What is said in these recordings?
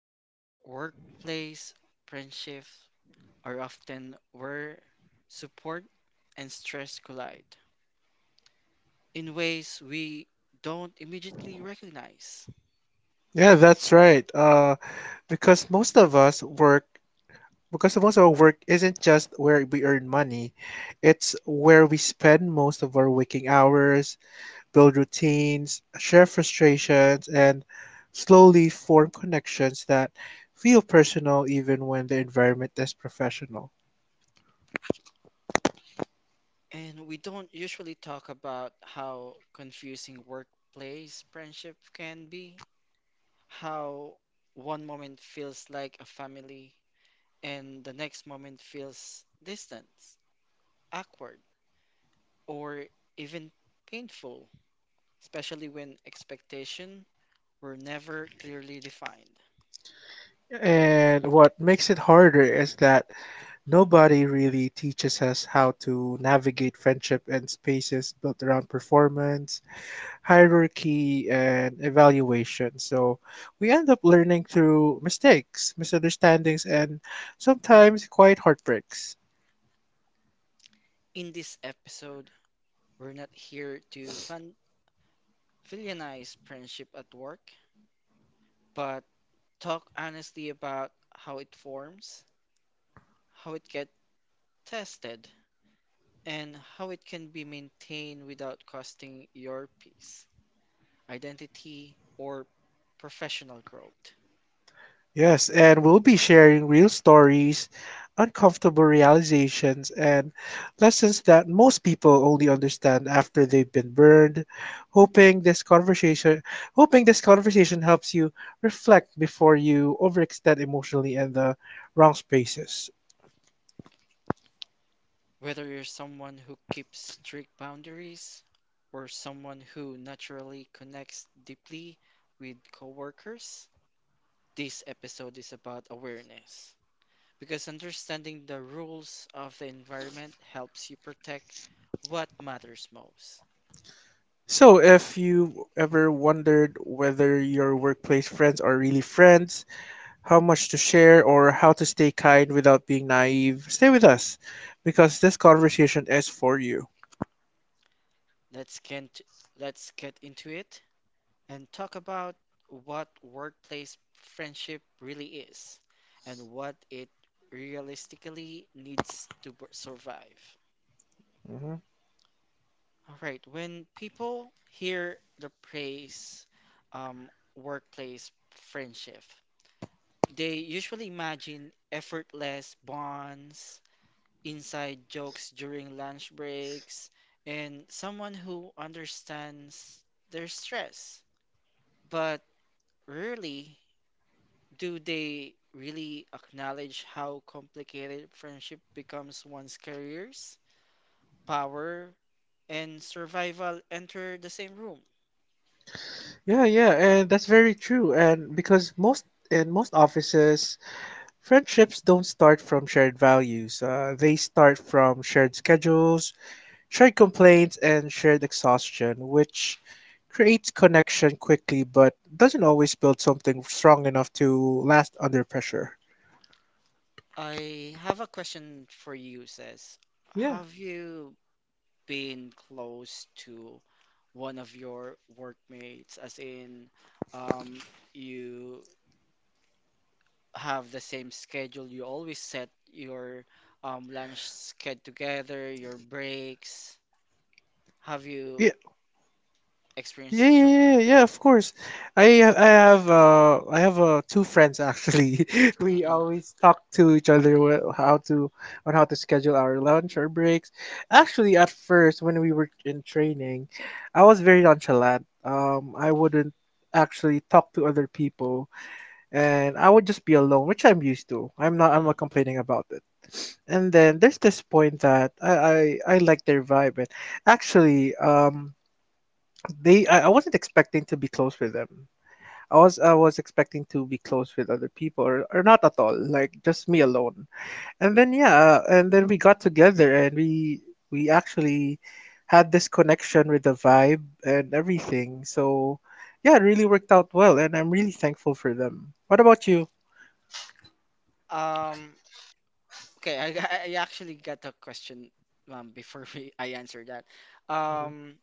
because workplace friendships are often where support and stress collide in ways we don't immediately recognize. Yeah, that's right. Because most of us work, because most of our work isn't just where we earn money, it's where we spend most of our waking hours, build routines, share frustrations, and slowly form connections that feel personal even when the environment is professional. And we don't usually talk about how confusing workplace friendship can be. How one moment feels like a family and the next moment feels distant, awkward, or even painful, especially when expectations were never clearly defined. And what makes it harder is that nobody really teaches us how to navigate friendship and spaces built around performance hierarchy and evaluation. So we end up learning through mistakes, misunderstandings, and sometimes quite heartbreaks. In this episode, we're not here to villainize friendship at work, but talk honestly about how it forms, how it gets tested, and how it can be maintained without costing your peace, identity, or professional growth. Yes, and we'll be sharing real stories, uncomfortable realizations, and lessons that most people only understand after they've been burned. Hoping this conversation, hoping this conversation helps you reflect before you overextend emotionally in the wrong spaces. Whether you're someone who keeps strict boundaries or someone who naturally connects deeply with coworkers, this episode is about awareness. Because understanding the rules of the environment helps you protect what matters most. So, if you ever wondered whether your workplace friends are really friends, how much to share, or how to stay kind without being naive, stay with us because this conversation is for you. Let's get let's get into it, and talk about what workplace friendship really is and what it realistically needs to survive. Mhm. All right, when people hear the phrase um, workplace friendship, they usually imagine effortless bonds, inside jokes during lunch breaks, and someone who understands their stress. But rarely do they really acknowledge how complicated friendship becomes once careers, power, and survival enter the same room? Yeah, yeah, and that's very true. And because most in most offices, friendships don't start from shared values. They start from shared schedules, shared complaints, and shared exhaustion, which creates connection quickly but doesn't always build something strong enough to last under pressure. I have a question for you, says. Yeah. Have you been close to one of your workmates, as in, um, you have the same schedule, you always set your lunch schedule together, your breaks? Have you Yeah. experience Yeah, yeah, something yeah, like that. yeah, of course. I have I have two friends actually. We Hmm. always talk to each other wh- how to on how to schedule our lunch or breaks. Actually, at first when we were in training, I was very nonchalant. I wouldn't actually talk to other people and I would just be alone, which I'm used to. I'm not I'm Hmm. not complaining about it. And then there's this point that I like their vibe and actually I wasn't expecting to be close with them. I was expecting to be close with other people or not at all, like just me alone. And then yeah, and then we got together and we actually had this connection with the vibe and everything. So yeah, it really worked out well and I'm really thankful for them. What about you? Um, okay, I, I actually got a question before we, I answer that. Um,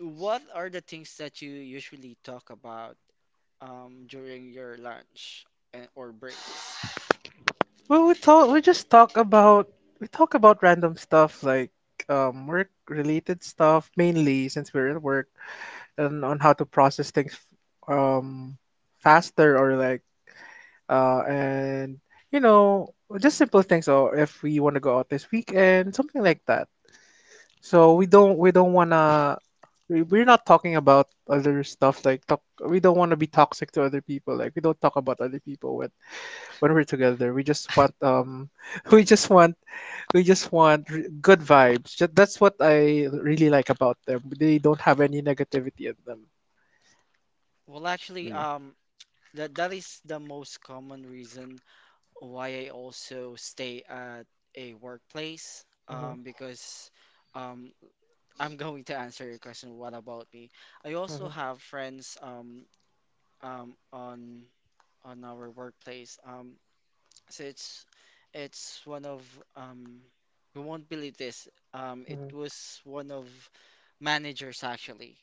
what are the things that you usually talk about during your lunch and, or breaks? Well, we And, talk. We just talk about we talk about random stuff like work-related stuff mainly since we're at work and on how to process things um, faster or like and you know just simple things. Or if we want to go out this weekend, something like that. So we don't wanna we, we're not talking about other stuff like talk. We don't want to be toxic to other people. Like we don't talk about other people when we're together we just want we just want we just want good vibes that's what I really like about them. They don't have any negativity in them. well, actually, Yeah. That that is the most common reason why I also stay at a workplace Mhm. because um, I'm going to answer your question. What about me? I also Mhm. have friends on our workplace. So it's one of um, you won't believe this. It Mhm. was one of managers actually.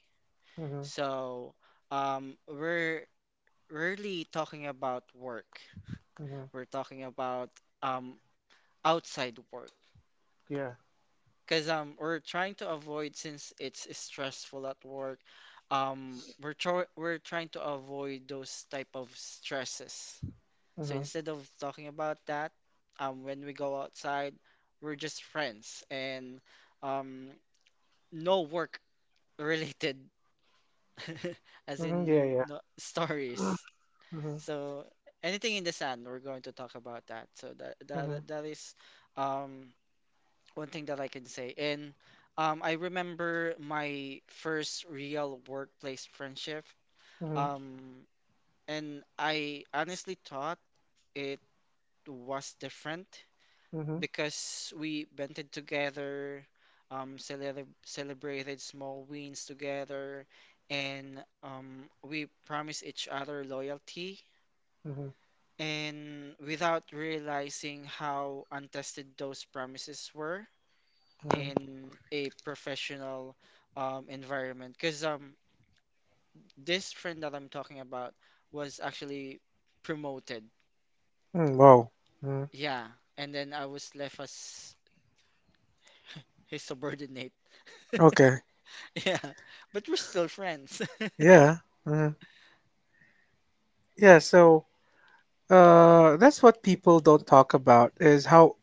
Mhm. So we're really talking about work. Mhm. We're talking about um, outside work. Yeah. Because we're trying to avoid since it's stressful at work. We're trying to avoid those type of stresses. So Mhm. instead of talking about that, when we go outside, we're just friends and um, no work related, as Mhm. Yeah. in Yeah. no, stories. Mhm. So anything in the sun, we're going to talk about that. So Mhm. That is um one thing that I can say. And I remember my first real workplace friendship. Mhm. Um, and I honestly thought it was different Mhm. Mhm. because we bonded together, celebrated small wins together, and we promised each other loyalty. Mhm. And without realizing how untested those promises were, in a professional environment. Because this friend that I'm talking about was actually promoted. Mm, wow. Mhm. Yeah. And then I was left as his subordinate. Okay. Yeah. But we're still friends. Yeah. Mhm. Yeah, so that's what people don't talk about is how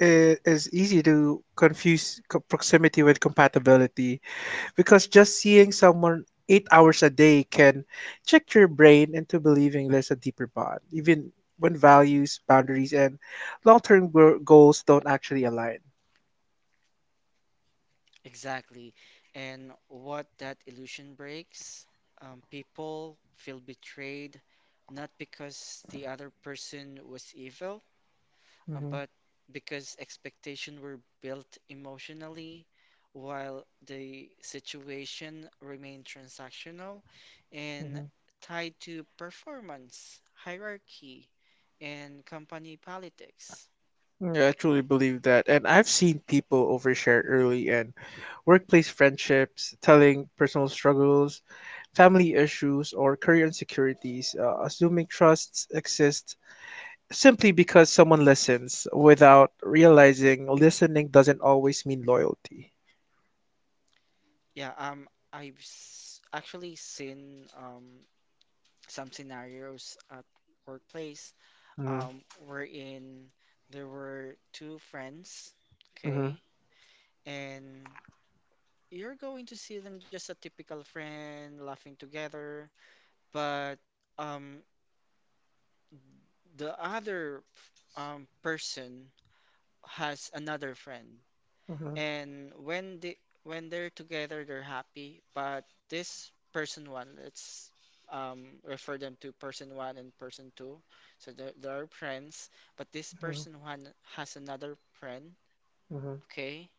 it is easy to confuse proximity with compatibility because just seeing someone 8 hours a day can trick your brain into believing there's a deeper bond, even when values, boundaries, and long term goals don't actually align. Exactly. And what that illusion breaks, people feel betrayed, not because the other person was evil. Hmm. But because expectations were built emotionally, while the situation remained transactional and Hmm. tied to performance, hierarchy, and company politics. Yeah, I truly believe that. And I've seen people overshare early and workplace friendships, telling personal struggles, family issues, or career insecurities, assuming trusts exist simply because someone listens without realizing listening doesn't always mean loyalty. Yeah, actually seen some scenarios at workplace Mm-hmm. Wherein there were two friends, Mm-hmm. okay, and you're going to see them just a typical friend laughing together, but um, the other person has another friend, Mm-hmm. and when they're together, they're happy. But this person one, let's refer them to person one and person two, so they're friends. But this Mm-hmm. person one has another friend, Mm-hmm. okay?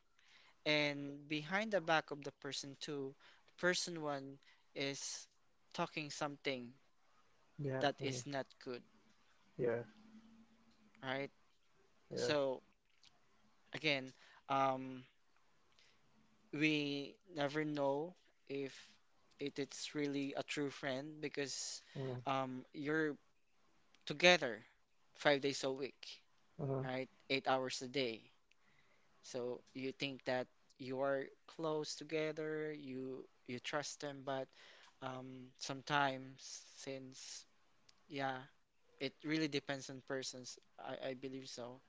And behind the back of the person two, person one is talking something Yeah. that is not Mm-hmm. good, Yeah. right? Yeah. So again, um, we never know if it's really a true friend because Mm-hmm. You're together 5 days a week, Mm-hmm. right? 8 hours a day. So you think that you are close together, you trust them, but sometimes since yeah, it really depends on persons. I believe so.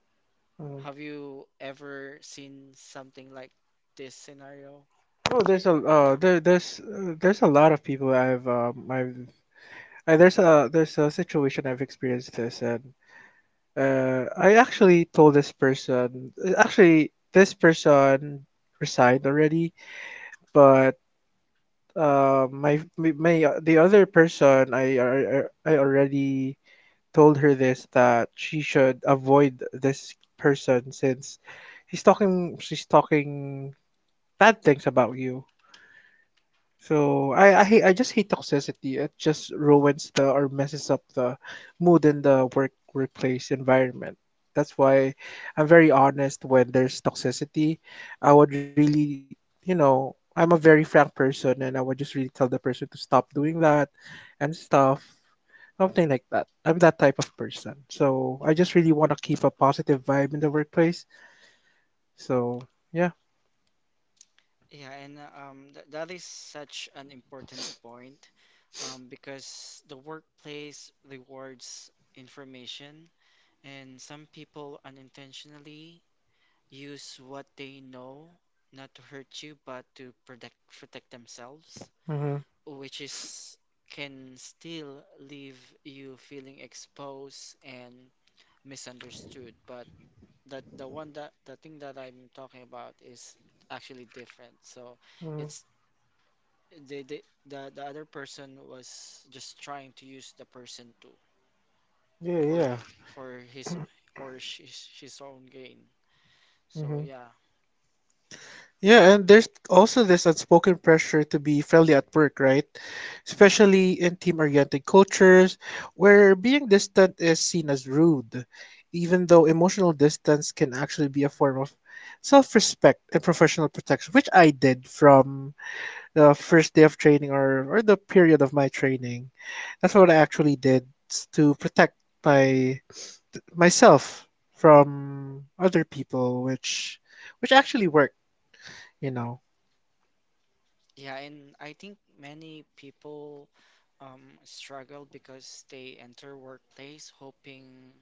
Mm-hmm. Have you ever seen something like this scenario? Oh, there's a lot of people there's a situation I've experienced this and I actually told this person, actually this person resigned already, but my my the other person, I already told her this that she should avoid this person since he's talking she's talking bad things about you. So I just hate toxicity. It just ruins the or messes up the mood in the workplace environment. That's why I'm very honest when there's toxicity. I would really, you know, I'm a very frank person and I would just really tell the person to stop doing that and stuff. Something like that. I'm that type of person. So I just really want to keep a positive vibe in the workplace. So yeah. Yeah, and th that is such an important point because the workplace rewards information, and some people unintentionally use what they know not to hurt you but to protect themselves, Mm-hmm. which is can still leave you feeling exposed and misunderstood, but that the thing that I'm talking about is actually different. So Mm-hmm. it's they the other person was just trying to use the person too Yeah, for yeah. His or his own gain. So Mm-hmm. yeah. Yeah, and there's also this unspoken pressure to be friendly at work, right? Mhm. Especially in team-oriented cultures where being distant is seen as rude, even though emotional distance can actually be a form of self-respect and professional protection, which I did from the first day of training or the period of my training. That's what I actually did to protect my myself from other people, which actually worked, you know. Yeah, and I think many people struggle because they enter workplace hoping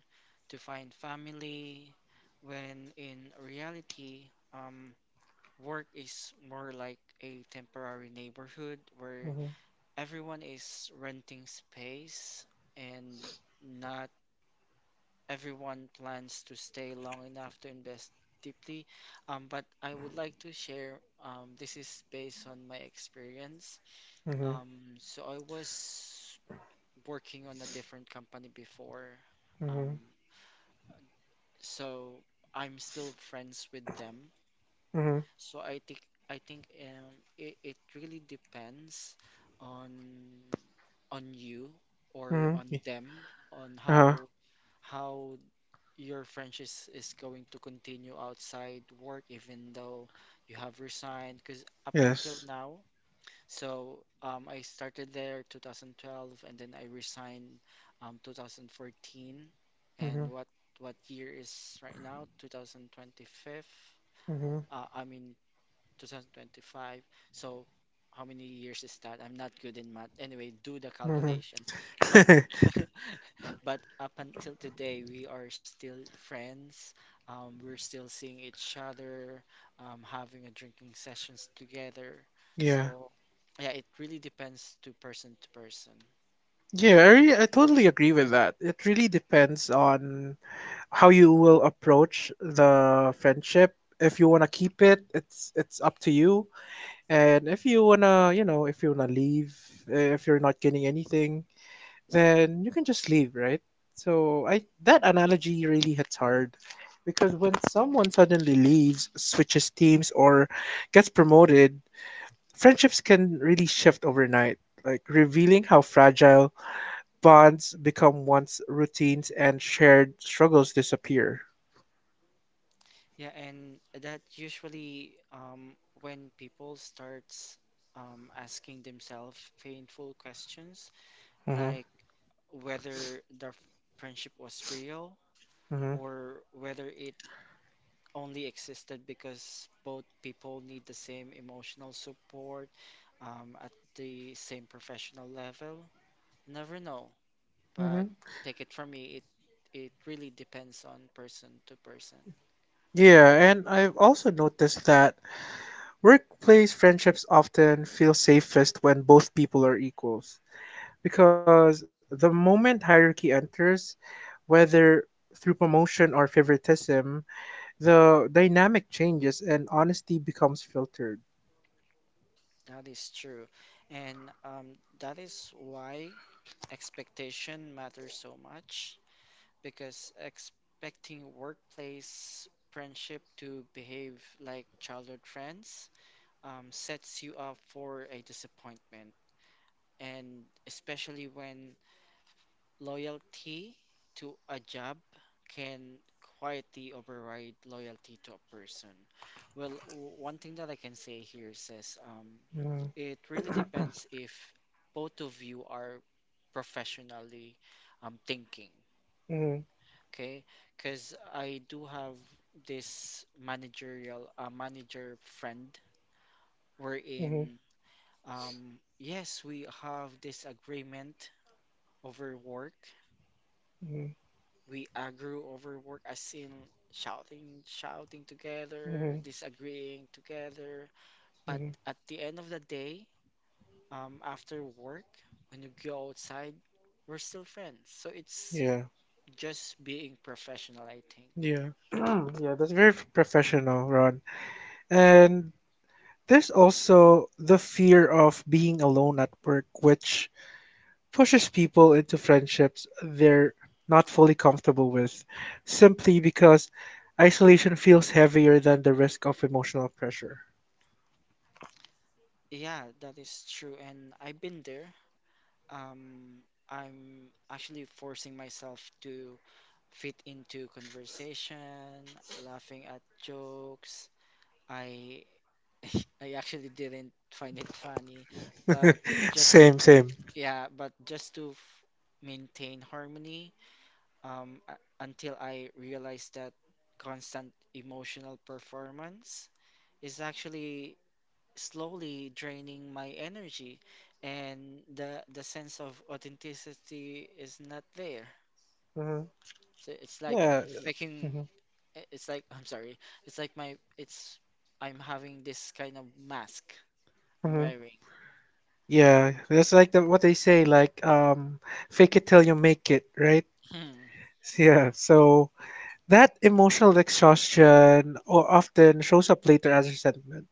to find family, when in reality, work is more like a temporary neighborhood where Mm-hmm. everyone is renting space and not everyone plans to stay long enough to invest deeply. But I would like to share, this is based on my experience Mhm. So I was working on a different company before. Mhm. Um, so I'm still friends with them. Mhm. So I think it, it really depends on you or Mhm. on them on Uh-huh. How your friendship is going to continue outside work even though you have resigned because up until Yes. now. So I started there 2012, and then I resigned 2014. And Mhm. What year is right now? 2025. Mhm. I mean 2025. So how many years is that? I'm not good in math. Anyway, do the Mhm. calculation. But but up until today, we are still friends. We're still seeing each other, having a drinking sessions together. Yeah. So yeah, it really depends to person to person. Yeah, I, really, I totally agree with that. It really depends on how you will approach the friendship. If you want to keep it, it's up to you. And if you want to, you know, if you want to leave, if you're not getting anything, then you can just leave, right? So I that analogy really hits hard because when someone suddenly leaves, switches teams, or gets promoted, friendships can really shift overnight, like revealing how fragile bonds become once routines and shared struggles disappear. Yeah, and that usually when people starts asking themselves painful questions, Hmm. like whether the friendship was real Hmm. or whether it only existed because both people need the same emotional support at the same professional level. Never know, Hmm. but take it from me, it really depends on person to person. Yeah, and I've also noticed that workplace friendships often feel safest when both people are equals. Because the moment hierarchy enters, whether through promotion or favoritism, the dynamic changes and honesty becomes filtered. That is true, and that is why expectation matters so much because expecting workplace friendship to behave like childhood friends sets you up for a disappointment. And especially when loyalty to a job can quietly override loyalty to a person. Well, one thing that I can say here says Mm-hmm. it really depends if both of you are professionally thinking Mm-hmm. okay? Because I do have this managerial manager friend wherein yes, we have this agreement over work. Mm-hmm. We agree over work as in shouting Mm-hmm. together, disagreeing together. But Mm-hmm. at the end of the day, after work, when you go outside, we're still friends. So it's Yeah, just being professional, I think. yeah. Yeah, that's very professional, Ron. And there's also the fear of being alone at work, which pushes people into friendships they're not fully comfortable with simply because isolation feels heavier than the risk of emotional pressure. Yeah, that is true. And I've been there. Um, I'm actually forcing myself to fit into conversation, laughing at jokes. I I actually didn't find it funny, but just Same, same. yeah, but just to f maintain harmony, um, uh, until I realized that constant emotional performance is actually slowly draining my energy and the sense of authenticity is not there. Hmm. So it's like Yeah. faking Hmm. It's like I'm sorry. It's like my it's I'm having this kind of mask I'm Hmm. wearing. Yeah, that's like the, what they say, like fake it till you make it, right? Yeah, so that emotional exhaustion often shows up later as resentment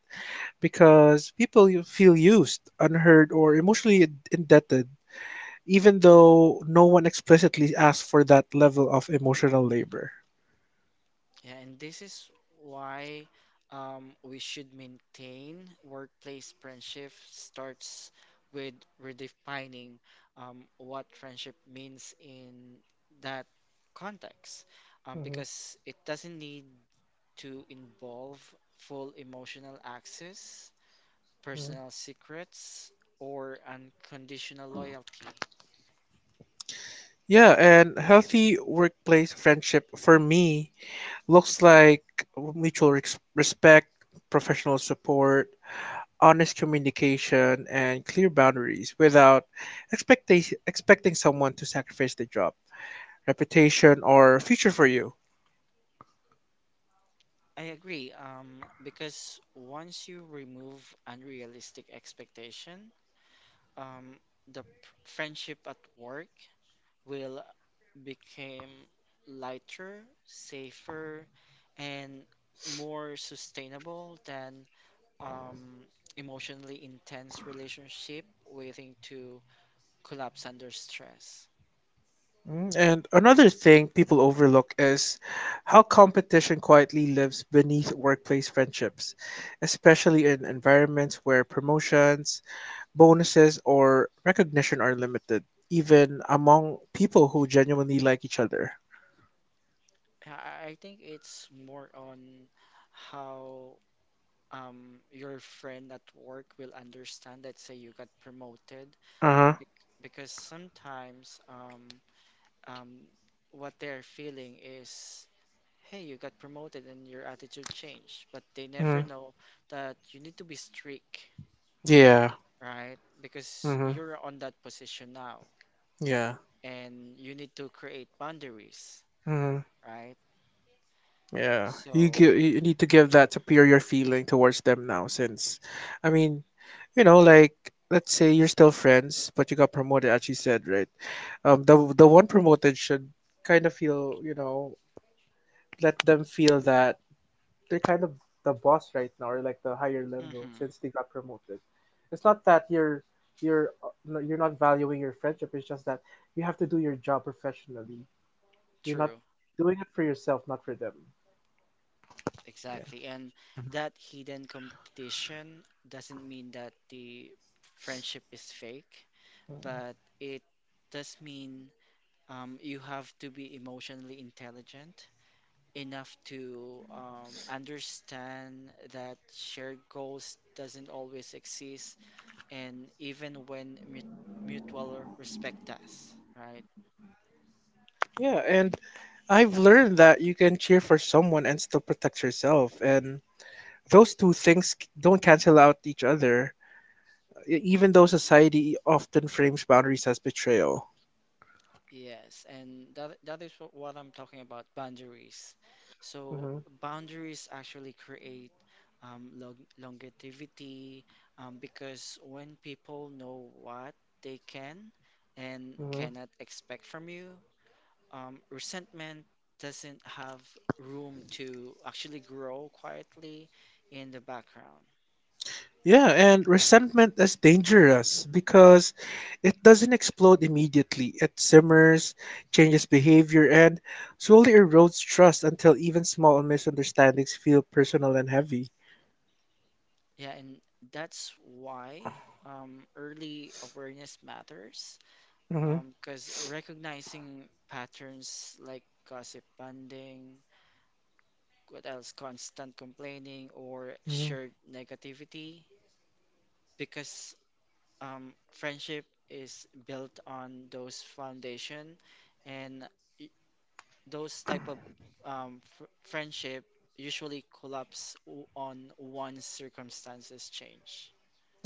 because people you feel used, unheard, or emotionally indebted even though no one explicitly asks for that level of emotional labor. Yeah, and this is why we should maintain workplace friendship starts with redefining what friendship means in that context, Mm-hmm. because it doesn't need to involve full emotional access, personal secrets, or unconditional loyalty. Yeah, and healthy workplace friendship for me looks like mutual respect, professional support, honest communication, and clear boundaries without expecting someone to sacrifice their job, reputation, or future for you. I agree, because once you remove unrealistic expectation, um, the p- friendship at work will become lighter, safer, and more sustainable than um, emotionally intense relationship waiting to collapse under stress. Mm, and another thing people overlook is how competition quietly lives beneath workplace friendships, especially in environments where promotions, bonuses, or recognition are limited, even among people who genuinely like each other. I think it's more on how your friend at work will understand, that say you got promoted, Uh huh. Because sometimes um, what they're feeling is, hey, you got promoted and your attitude changed. But they Mm-hmm. never know that you need to be strict, Yeah. right? Because Mm-hmm. you're on that position now Yeah. and you need to create boundaries, Mm-hmm. right? Yeah. You So, give, you need to give that superior feeling towards them now, since, I mean, you know, like, let's say you're still friends, but you got promoted, as you said, right? The one promoted should kind of feel, you know, let them feel that they're kind of the boss right now, or like the higher level mhm, since they got promoted. It's not that you're not valuing your friendship. It's just that you have to do your job professionally. You're not true, You're doing it for yourself, not for them. exactly. Yeah. And Hmm. that hidden competition doesn't mean that the friendship is fake, but it does mean you have to be emotionally intelligent enough to understand that shared goals doesn't always exist and even when mutual respect does, right? Yeah, and I've learned that you can cheer for someone and still protect yourself, and those two things don't cancel out each other, even though society often frames boundaries as betrayal. Yes, and that what I'm talking about boundaries. So Mm-hmm. boundaries actually create longevity, because when people know what they can and Mm-hmm. cannot expect from you, resentment doesn't have room to actually grow quietly in the background. Yeah, and resentment is dangerous because it doesn't explode immediately. It simmers, changes behavior, and slowly erodes trust until even small misunderstandings feel personal and heavy. Yeah, and that's why early awareness matters Mm-hmm. because recognizing patterns like gossip banding, what else, constant complaining, or Mm-hmm. shared negativity, because friendship is built on those foundation and those type of fr friendship usually collapse on one circumstances change.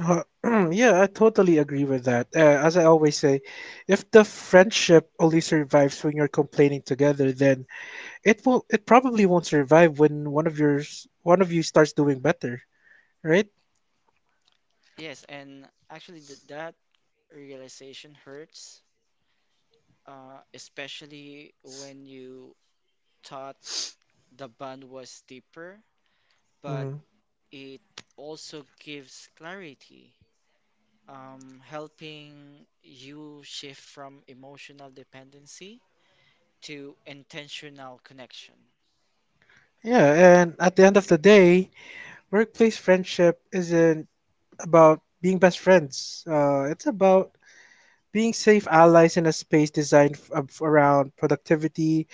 Yeah, I totally agree with that. As I always say, if the friendship only survives when you're complaining together, then it probably won't survive when one of you starts doing better, right? Yes, and actually th that realization hurts, especially when you thought the bond was deeper, but Mm-hmm. it also gives clarity, helping you shift from emotional dependency to intentional connection. Yeah, and at the end of the day, workplace friendship isn't about being best friends. It's about being safe allies in a space designed around productivity,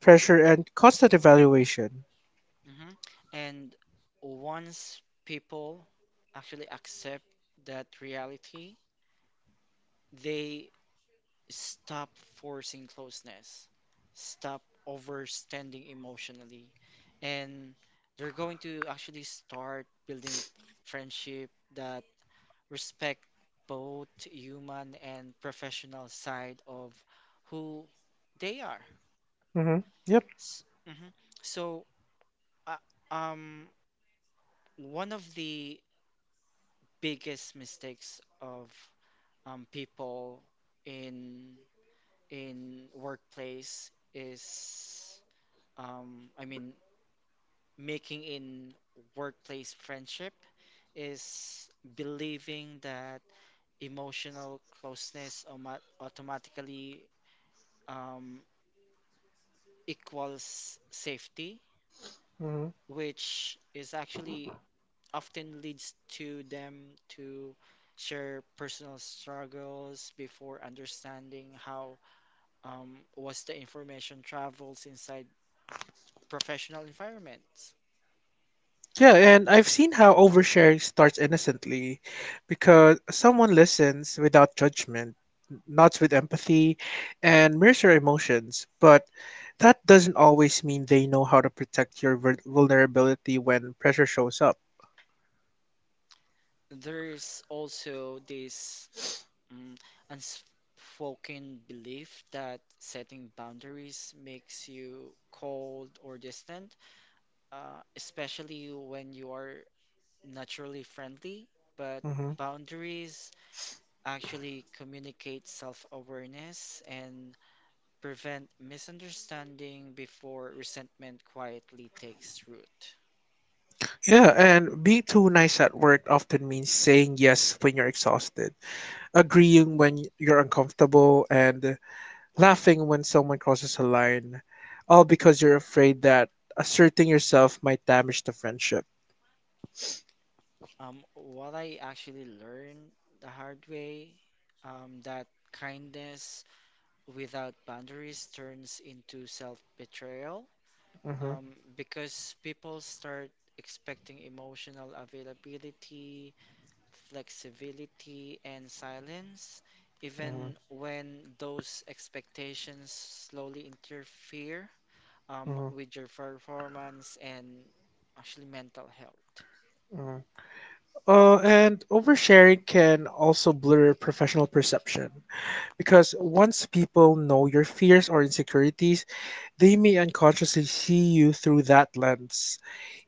pressure, and constant evaluation. Mm-hmm. And once people actually accept that reality, they stop forcing closeness, stop overstanding emotionally, and they're going to actually start building friendship that respect both human and professional side of who they are. Mm-hmm. Yep. S- mhm. So, uh, um, one of the biggest mistakes of people in in workplace is um, I mean making in workplace friendship is believing that emotional closeness automatically um, equals safety, which is actually often leads to them to share personal struggles before understanding how was the information travels inside professional environments. Yeah, and I've seen how oversharing starts innocently because someone listens without judgment, nods with empathy, and mirrors your emotions. But that doesn't always mean they know how to protect your vulnerability when pressure shows up. There's also this um, unspoken belief that setting boundaries makes you cold or distant, especially when you are naturally friendly, but Hmm. boundaries actually communicate self-awareness and prevent misunderstanding before resentment quietly takes root. Yeah, and being too nice at work often means saying yes when you're exhausted, agreeing when you're uncomfortable, and laughing when someone crosses a line, all because you're afraid that asserting yourself might damage the friendship. What I actually learned the hard way, that kindness without boundaries turns into self-betrayal, Mhm, because people start expecting emotional availability flexibility, and silence, mhm, even when those expectations slowly interfere mhm, with your performance and actually mental health. mhm. And oversharing can also blur professional perception because once people know your fears or insecurities, they may unconsciously see you through that lens,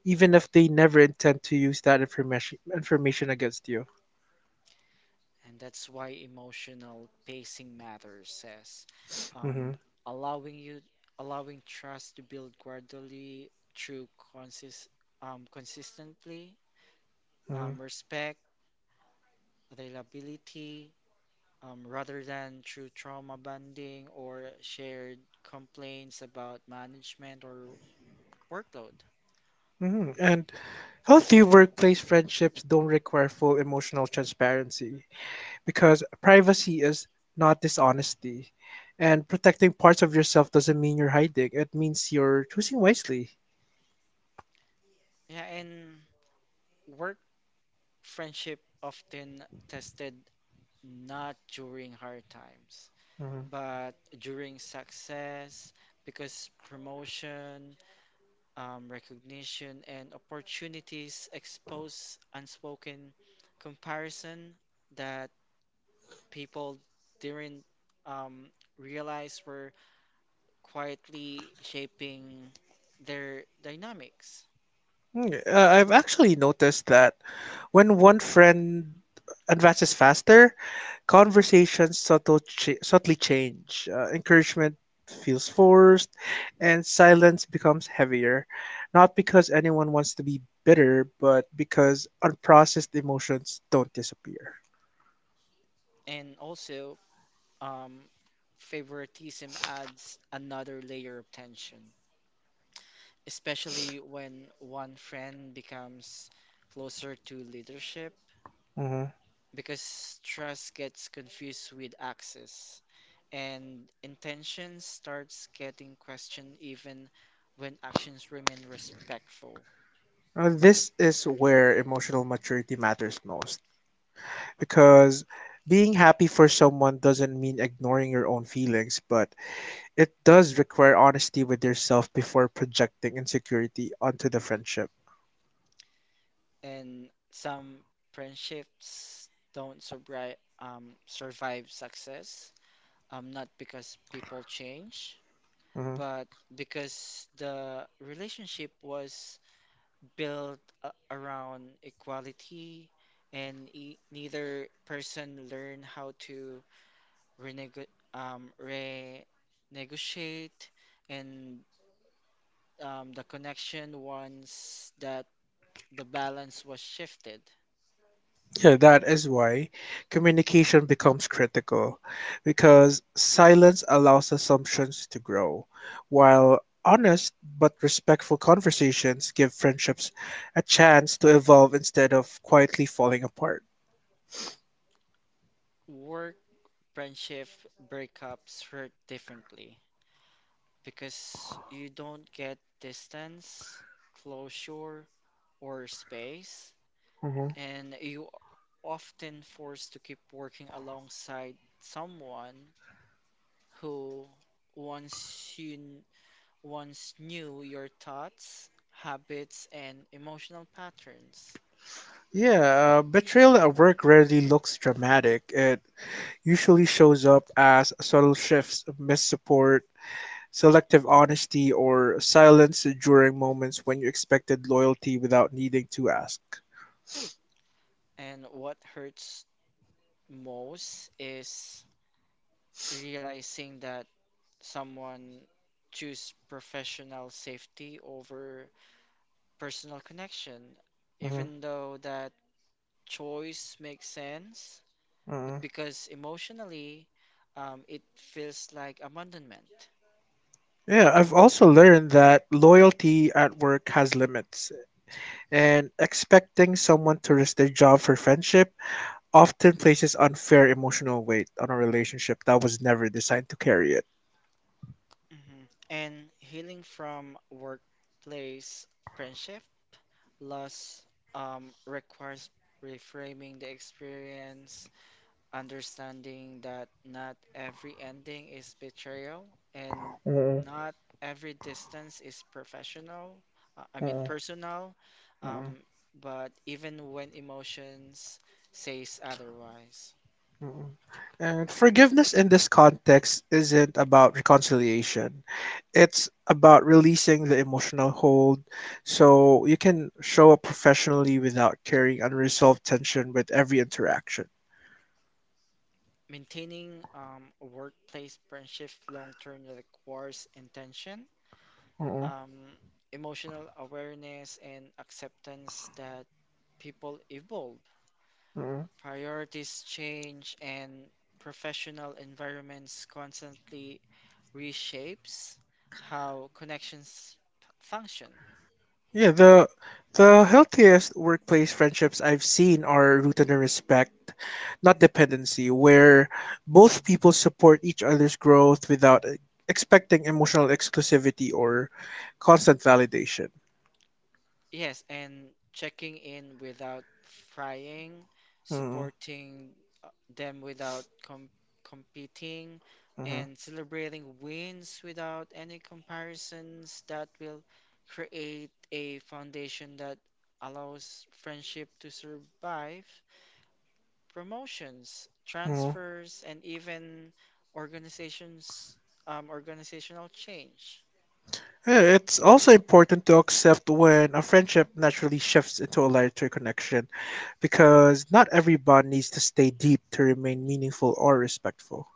even if they never intend to use that information against you. And that's why emotional pacing matters, says um, Hmm. allowing you allowing trust to build gradually through consist consistently Hmm. Respect, availability, rather than through trauma bonding or shared complaints about management or workload. Hmm. And healthy workplace friendships don't require full emotional transparency because privacy is not dishonesty. And protecting parts of yourself doesn't mean you're hiding, it means you're choosing wisely. Yeah, and work friendship often tested not during hard times, Mm-hmm. but during success because promotion, recognition, and opportunities expose unspoken comparison that people didn't um, realize were quietly shaping their dynamics. Mm, I've actually noticed that when one friend advances faster, conversations subtly change. Encouragement feels forced, and silence becomes heavier. Not because anyone wants to be bitter, but because unprocessed emotions don't disappear. And also, um, favoritism adds another layer of tension, especially when one friend becomes closer to leadership Mhm. because trust gets confused with access and intention starts getting questioned even when actions remain respectful. This is where emotional maturity matters most because being happy for someone doesn't mean ignoring your own feelings, but it does require honesty with yourself before projecting insecurity onto the friendship. And some friendships don't survive survive success. Not because people change, Mhm. but because the relationship was built around equality, and e neither person learned how to renego renegotiate, and the connection once that the balance was shifted. Yeah, that is why communication becomes critical because silence allows assumptions to grow, while honest but respectful conversations give friendships a chance to evolve instead of quietly falling apart. Work Friendship breakups hurt differently because you don't get distance, closure, or space, Hmm. and you are often forced to keep working alongside someone who once you kn- once knew your thoughts, habits, and emotional patterns. Yeah, betrayal at work rarely looks dramatic. It usually shows up as subtle shifts, missed support, selective honesty or silence during moments when you expected loyalty without needing to ask. And what hurts most is realizing that someone choose professional safety over personal connection, Mhm, even though that choice makes sense, but mhm. because emotionally, it feels like abandonment. Yeah, I've also learned that loyalty at work has limits, and expecting someone to risk their job for friendship often places unfair emotional weight on a relationship that was never designed to carry it. Hmm. And healing from workplace friendship loss requires reframing the experience understanding that not every ending is betrayal and Mm-mm, not Yes. Every distance is professional, mm-mm, mm-mm, personal, mm-mm. um, but even when emotions says otherwise. And forgiveness in this context isn't about reconciliation. It's about releasing the emotional hold so you can show up professionally without carrying unresolved tension with every interaction. Maintaining a workplace friendship long term requires intention, Mm-mm, um, emotional awareness, and acceptance that people evolve mm-mm. Priorities change and professional environments constantly reshapes how function. Yeah, the healthiest workplace friendships I've seen are rooted in respect, not dependency, where both people support each other's growth without expecting emotional exclusivity or constant validation. Yes, and checking in without prying, Hmm. supporting uh, them without competing, and celebrating wins without any comparisons that will create a foundation that allows friendship to survive Promotions, Mm. transfers, and even organizations organizational change. Yeah, it's also important to accept when a friendship naturally shifts into a lighter connection because not every bond needs to stay deep to remain meaningful or respectful.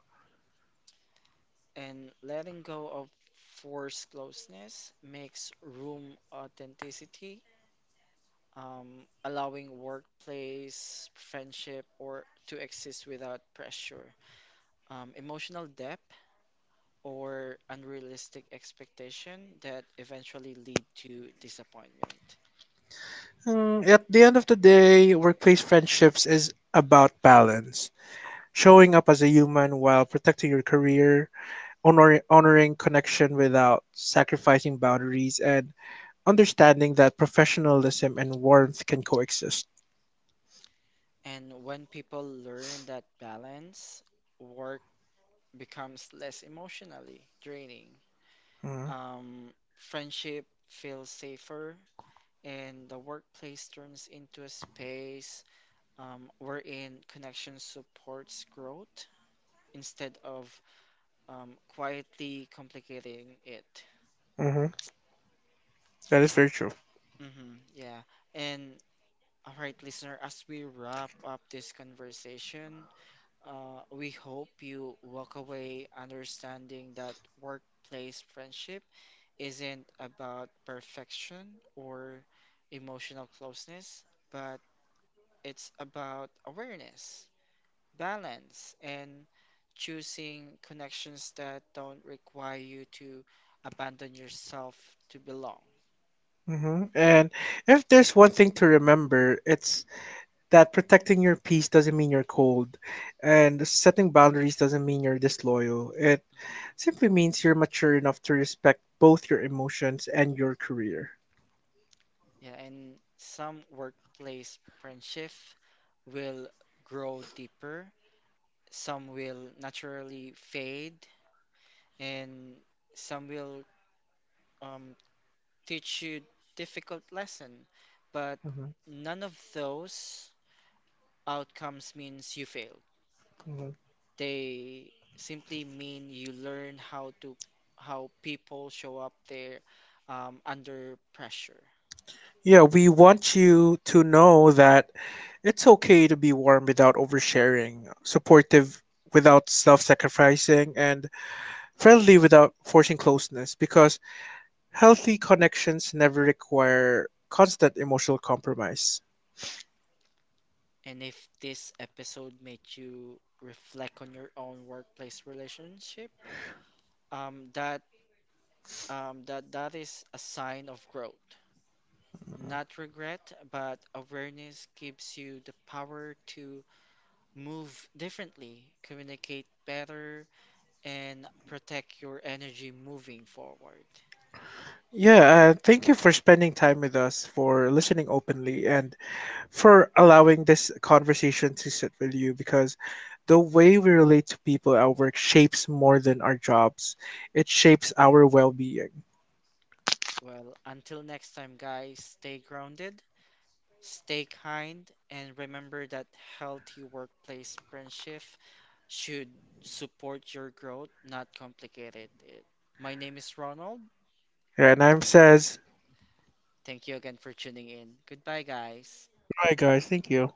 And letting go of forced closeness makes room authenticity, allowing workplace, friendship, or to exist without pressure. Emotional depth or unrealistic expectation that eventually lead to disappointment. Mm, at the end of the day, workplace friendships is about balance, showing up as a human while protecting your career, honoring connection without sacrificing boundaries, and understanding that professionalism and warmth can coexist. And when people learn that balance, work becomes less emotionally draining. Mm-hmm. Um, friendship feels safer, and the workplace turns into a space wherein connection supports growth instead of quietly complicating it. Mm-hmm. That is very true. Hmm, yeah. And all right, listener, as we wrap up this conversation, we hope you walk away understanding that workplace friendship isn't about perfection or emotional closeness, but it's about awareness, balance, and choosing connections that don't require you to abandon yourself to belong. Hmm. And if there's one thing to remember, it's that protecting your peace doesn't mean you're cold, and setting boundaries doesn't mean you're disloyal. It simply means you're mature enough to respect both your emotions and your career. Yeah, and some workplace friendship will grow deeper, some will naturally fade, and some will um, teach you difficult lesson, but Hmm. none of those outcomes means you failed. Hmm. They simply mean you learn how to how people show up there under pressure. Yeah, we want you to know that it's okay to be warm without oversharing, supportive without self sacrificing, and friendly without forcing closeness because healthy connections never require constant emotional compromise. And if this episode made you reflect on your own workplace relationship, um, that that is a sign of growth. Not regret, but awareness gives you the power to move differently, communicate better, and protect your energy moving forward. Yeah, thank you for spending time with us, for listening openly, and for allowing this conversation to sit with you because the way we relate to people at work shapes more than our jobs, it shapes our well being. Well, until next time, guys, stay grounded, stay kind, and remember that healthy workplace friendship should support your growth, not complicate it. My name is Ronald. Yeah, and I'm says, Thank you again for tuning in. Goodbye, guys. goodbye, guys. Thank you.